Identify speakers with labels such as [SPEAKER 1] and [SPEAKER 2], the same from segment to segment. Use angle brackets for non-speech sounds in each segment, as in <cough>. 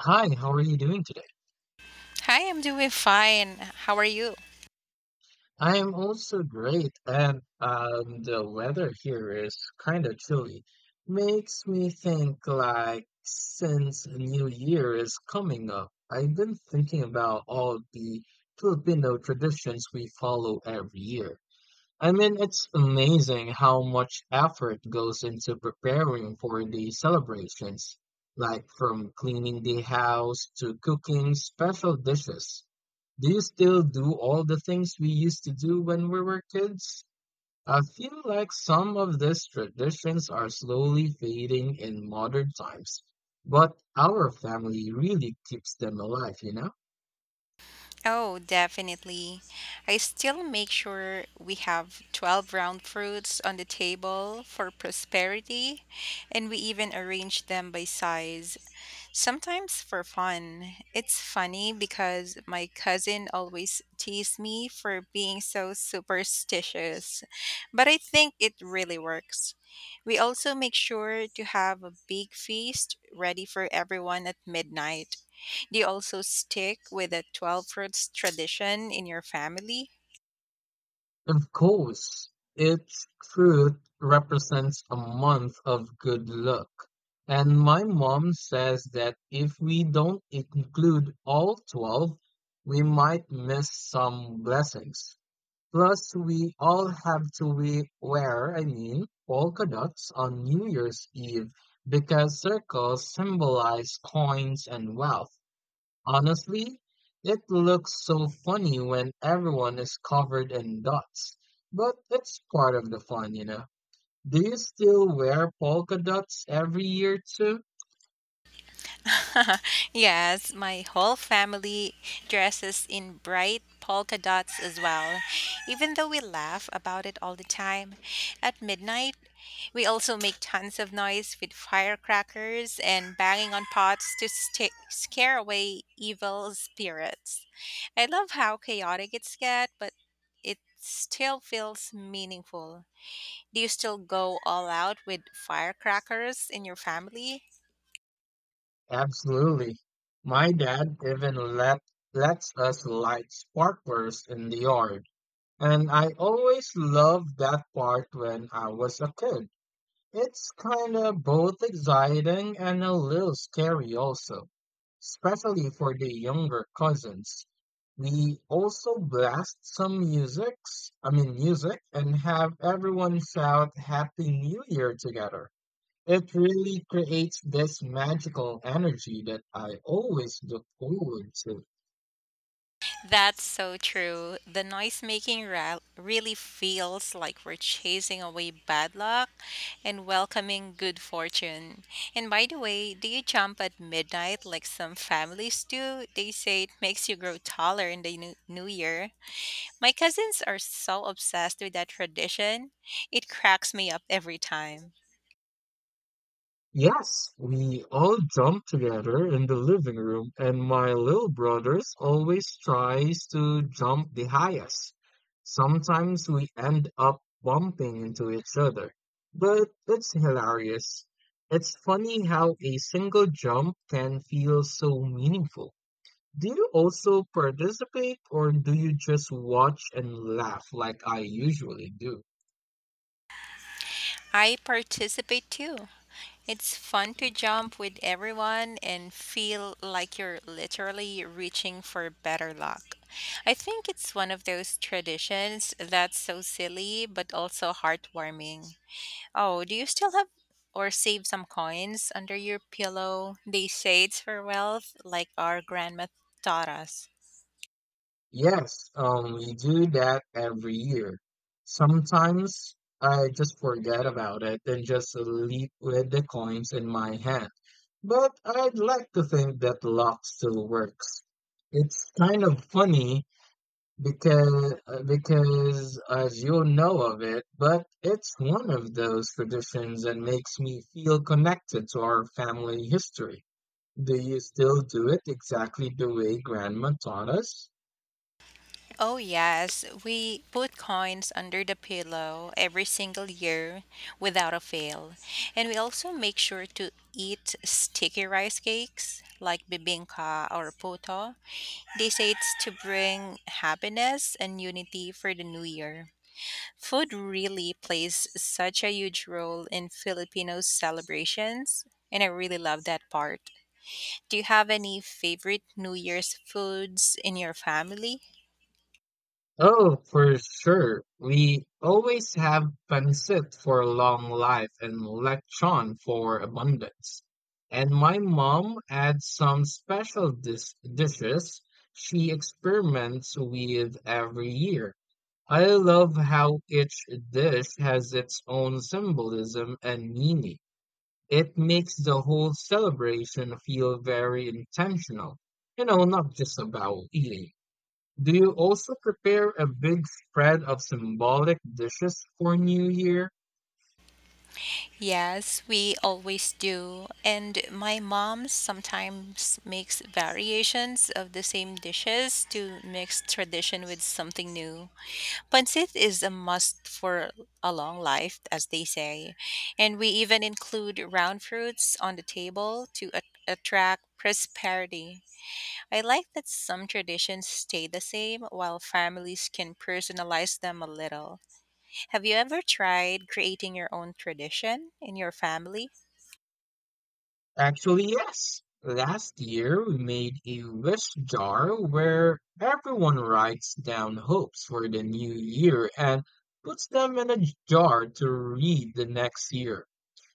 [SPEAKER 1] Hi, how are you doing today?
[SPEAKER 2] Hi, I'm doing fine. How are you?
[SPEAKER 1] I am also great, and the weather here is kind of chilly. Makes me think, like, since New Year is coming up, I've been thinking about all the Filipino traditions we follow every year. I mean, it's amazing how much effort goes into preparing for the celebrations, like from cleaning the house to cooking special dishes. Do you still do all the things we used to do when we were kids? I feel like some of these traditions are slowly fading in modern times, but our family really keeps them alive, you know?
[SPEAKER 2] Oh, definitely. I still make sure we have 12 round fruits on the table for prosperity, and we even arrange them by size. Sometimes for fun. It's funny because my cousin always teased me for being so superstitious, but I think it really works. We also make sure to have a big feast ready for everyone at midnight. Do you also stick with the 12 fruits tradition in your family?
[SPEAKER 1] Of course, its truth represents a month of good luck. And my mom says that if we don't include all 12, we might miss some blessings. Plus, we all have to we wear, I mean, polka dots on New Year's Eve because circles symbolize coins and wealth. Honestly, it looks so funny when everyone is covered in dots, but it's part of the fun, you know. Do you still wear polka dots every year too?
[SPEAKER 2] <laughs> Yes, my whole family dresses in bright polka dots as well. Even though we laugh about it all the time, at midnight, we also make tons of noise with firecrackers and banging on pots to sta scare away evil spirits. I love how chaotic it's get, but it still feels meaningful. Do you still go all out with firecrackers in your family?
[SPEAKER 1] Absolutely. My dad even let lets us light sparklers in the yard, and I always loved that part when I was a kid. It's kind of both exciting and a little scary also, especially for the younger cousins. We also blast some musics, I mean, music, and have everyone shout Happy New Year together. It really creates this magical energy that I always look forward to.
[SPEAKER 2] That's so true. The noise making really feels like we're chasing away bad luck and welcoming good fortune. And by the way, do you jump at midnight like some families do? They say it makes you grow taller in the new year. My cousins are so obsessed with that tradition, it cracks me up every time.
[SPEAKER 1] Yes, we all jump together in the living room, and my little brothers always tries to jump the highest. Sometimes we end up bumping into each other, but it's hilarious. It's funny how a single jump can feel so meaningful. Do you also participate, or do you just watch and laugh like I usually do?
[SPEAKER 2] I participate too. It's fun to jump with everyone and feel like you're literally reaching for better luck. I think it's one of those traditions that's so silly but also heartwarming. Oh, do you still have or save some coins under your pillow? They say it's for wealth, like our grandma taught us.
[SPEAKER 1] Yes, we do that every year. Sometimes I just forget about it and just leave with the coins in my hand. But I'd like to think that luck still works. It's kind of funny because because as you'll know of it, but it's one of those traditions that makes me feel connected to our family history. Do you still do it exactly the way grandma taught us?
[SPEAKER 2] Oh, yes. We put coins under the pillow every single year without a fail. And we also make sure to eat sticky rice cakes like bibingka or puto. They say it's to bring happiness and unity for the new year. Food really plays such a huge role in Filipino celebrations, and I really love that part. Do you have any favorite New Year's foods in your family?
[SPEAKER 1] Oh, for sure. We always have pancit for long life and lechon for abundance. And my mom adds some special dishes she experiments with every year. I love how each dish has its own symbolism and meaning. It makes the whole celebration feel very intentional, you know, not just about eating. Do you also prepare a big spread of symbolic dishes for New Year?
[SPEAKER 2] Yes, we always do. And my mom sometimes makes variations of the same dishes to mix tradition with something new. Pancit is a must for a long life, as they say. And we even include round fruits on the table to attract prosperity. I like that some traditions stay the same while families can personalize them a little. Have you ever tried creating your own tradition in your family?
[SPEAKER 1] Actually, yes. Last year, we made a wish jar where everyone writes down hopes for the new year and puts them in a jar to read the next year.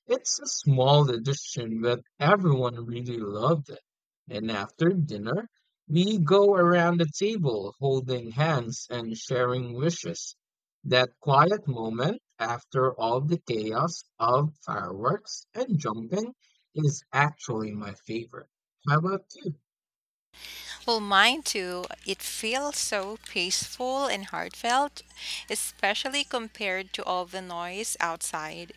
[SPEAKER 1] It's a small edition, but everyone really loved it. And after dinner, we go around the table holding hands and sharing wishes. That quiet moment after all the chaos of fireworks and jumping is actually my favorite. How about you?
[SPEAKER 2] Well, mine too. It feels so peaceful and heartfelt, especially compared to all the noise outside.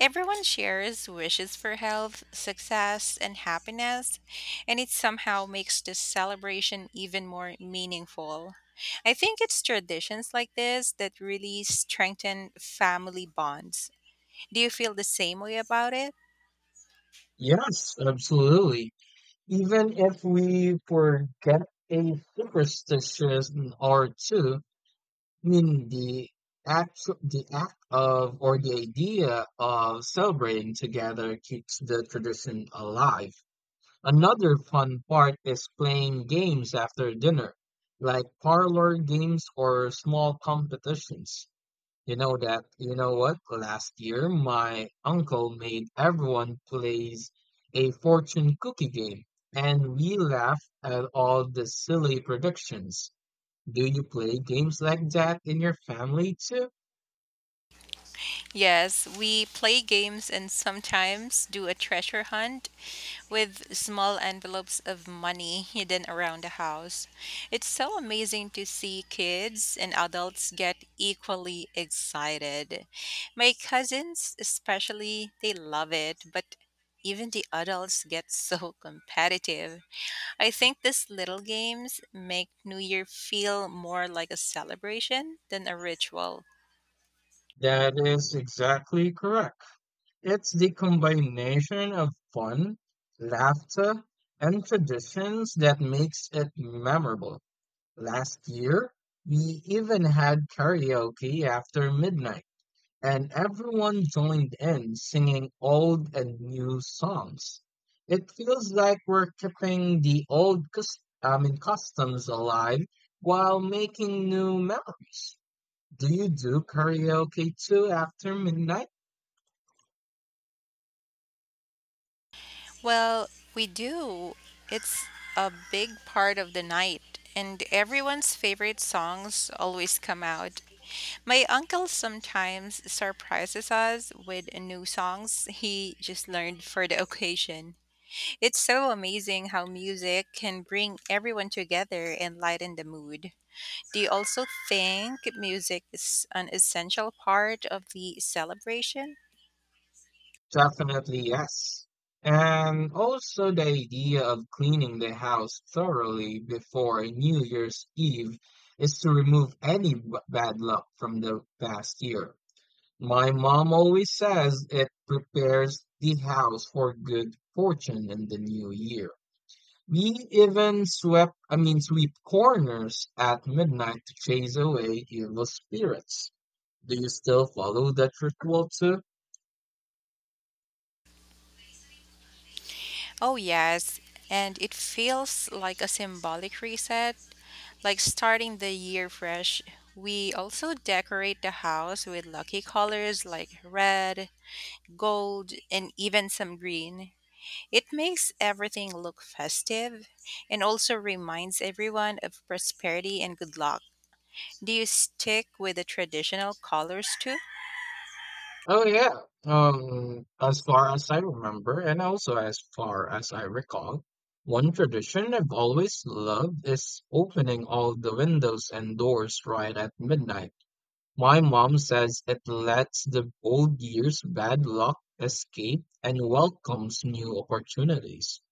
[SPEAKER 2] Everyone shares wishes for health, success, and happiness, and it somehow makes this celebration even more meaningful. I think it's traditions like this that really strengthen family bonds. Do you feel the same way about it?
[SPEAKER 1] Yes, absolutely. Even if we forget a superstition or two, mean the act of, or the idea of, celebrating together keeps the tradition alive. Another fun part is playing games after dinner, like parlor games or small competitions. You know what? Last year my uncle made everyone plays a fortune cookie game and we laughed at all the silly predictions. Do you play games like that in your family too?
[SPEAKER 2] Yes, we play games and sometimes do a treasure hunt with small envelopes of money hidden around the house. It's so amazing to see kids and adults get equally excited. My cousins, especially, they love it, but even the adults get so <laughs> competitive. I think these little games make New Year feel more like a celebration than a ritual.
[SPEAKER 1] That is exactly correct. It's the combination of fun, laughter, and traditions that makes it memorable. Last year, we even had karaoke after midnight, and everyone joined in singing old and new songs. It feels like we're keeping the old I mean, customs alive while making new memories. Do you do karaoke too after midnight?
[SPEAKER 2] Well, we do. It's a big part of the night, and everyone's favorite songs always come out. My uncle sometimes surprises us with new songs he just learned for the <laughs> occasion. It's so amazing how music can bring everyone together and lighten the mood. Do you also think music is an essential part of the celebration?
[SPEAKER 1] Definitely yes. And also, the idea of cleaning the house thoroughly before New Year's Eve is to remove any bad luck from the past year. My mom always says it prepares the house for good fortune in the new year. We even swept, I mean, sweep corners at midnight to chase away evil spirits. Do you still follow that ritual too?
[SPEAKER 2] Oh, yes. And it feels like a symbolic reset, like starting the year fresh. We also decorate the house with lucky colors like red, gold, and even some green. It makes everything look festive and also reminds everyone of prosperity and good luck. Do you stick with the traditional colors too?
[SPEAKER 1] Oh yeah. As far as I remember, and also as far as I recall, one tradition I've always loved is opening all the windows and doors right at midnight. My mom says it lets the old year's bad luck escape and welcomes new opportunities.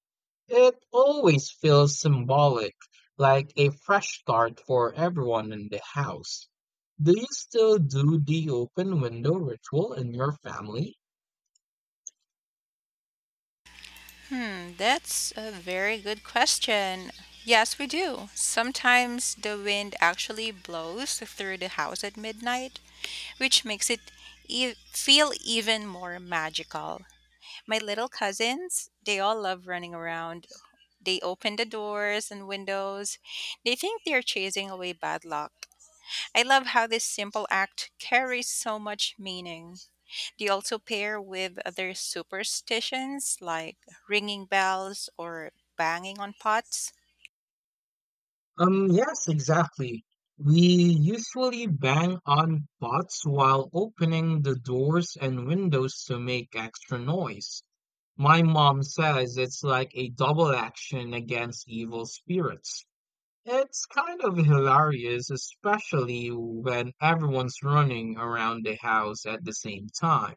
[SPEAKER 1] It always feels symbolic, like a fresh start for everyone in the house. Do you still do the open window ritual in your family?
[SPEAKER 2] Hmm, that's a very good question. Yes, we do. Sometimes the wind actually blows through the house at midnight, which makes it feel even more magical. My little cousins, they all love running around. They open the doors and windows. They think they're chasing away bad luck. I love how this simple act carries so much meaning. Do you also pair with other superstitions like ringing bells or banging on pots?
[SPEAKER 1] Yes, exactly. We usually bang on pots while opening the doors and windows to make extra noise. My mom says it's like a double action against evil spirits. It's kind of hilarious, especially when everyone's running around the house at the same time.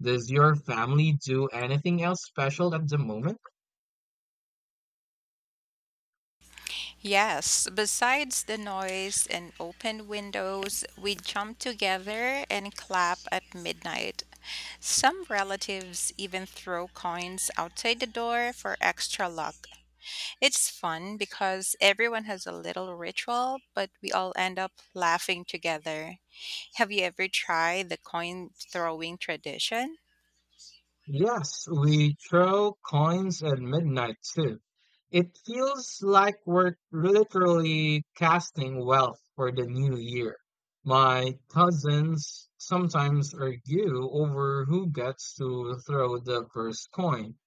[SPEAKER 1] Does your family do anything else special at the moment?
[SPEAKER 2] Yes, besides the noise and open windows, we jump together and clap at midnight. Some relatives even throw coins outside the door for extra luck. It's fun because everyone has a little ritual, but we all end up laughing together. Have you ever tried the coin throwing tradition?
[SPEAKER 1] Yes, we throw coins at midnight too. It feels like we're literally casting wealth for the new year. My cousins sometimes argue over who gets to throw the first coin,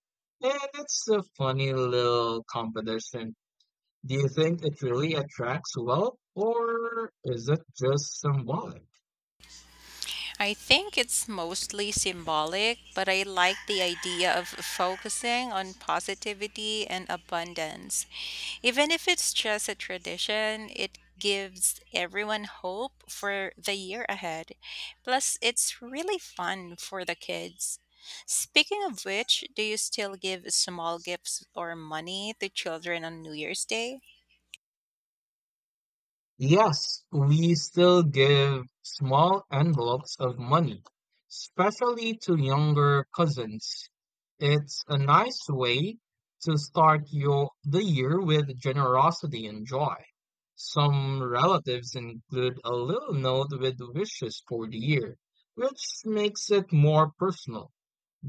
[SPEAKER 1] and it's a funny little competition. Do you think it really attracts wealth, or is it just symbolic?
[SPEAKER 2] I think it's mostly symbolic, but I like the idea of focusing on positivity and abundance. Even if it's just a tradition, it gives everyone hope for the year ahead. Plus, it's really fun for the kids. Speaking of which, do you still give small gifts or money to children on New Year's Day?
[SPEAKER 1] Yes, we still give small envelopes of money, especially to younger cousins. It's a nice way to start your the year with generosity and joy. Some relatives include a little note with wishes for the year, which makes it more personal.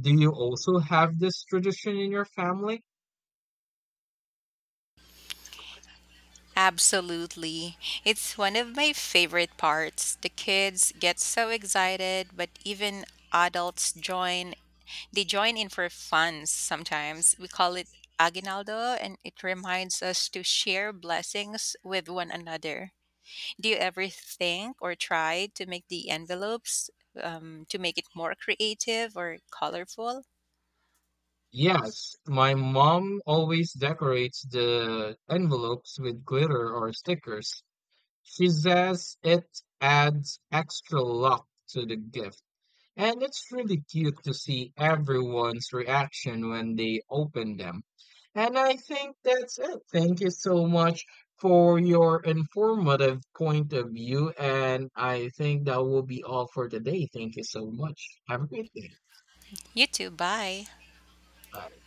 [SPEAKER 1] Do you also have this tradition in your family?
[SPEAKER 2] Absolutely. It's one of my favorite parts. The kids get so excited, but even adults join. They join in for fun sometimes. We call it Aguinaldo, and it reminds us to share blessings with one another. Do you ever think or try to make the envelopes to make it more creative or colorful?
[SPEAKER 1] Yes, my mom always decorates the envelopes with glitter or stickers. She says it adds extra luck to the gift. And it's really cute to see everyone's reaction when they open them. And I think that's it. Thank you so much for your informative point of view. And I think that will be all for today. Thank you so much. Have a great day.
[SPEAKER 2] You too. Bye.
[SPEAKER 1] Bye.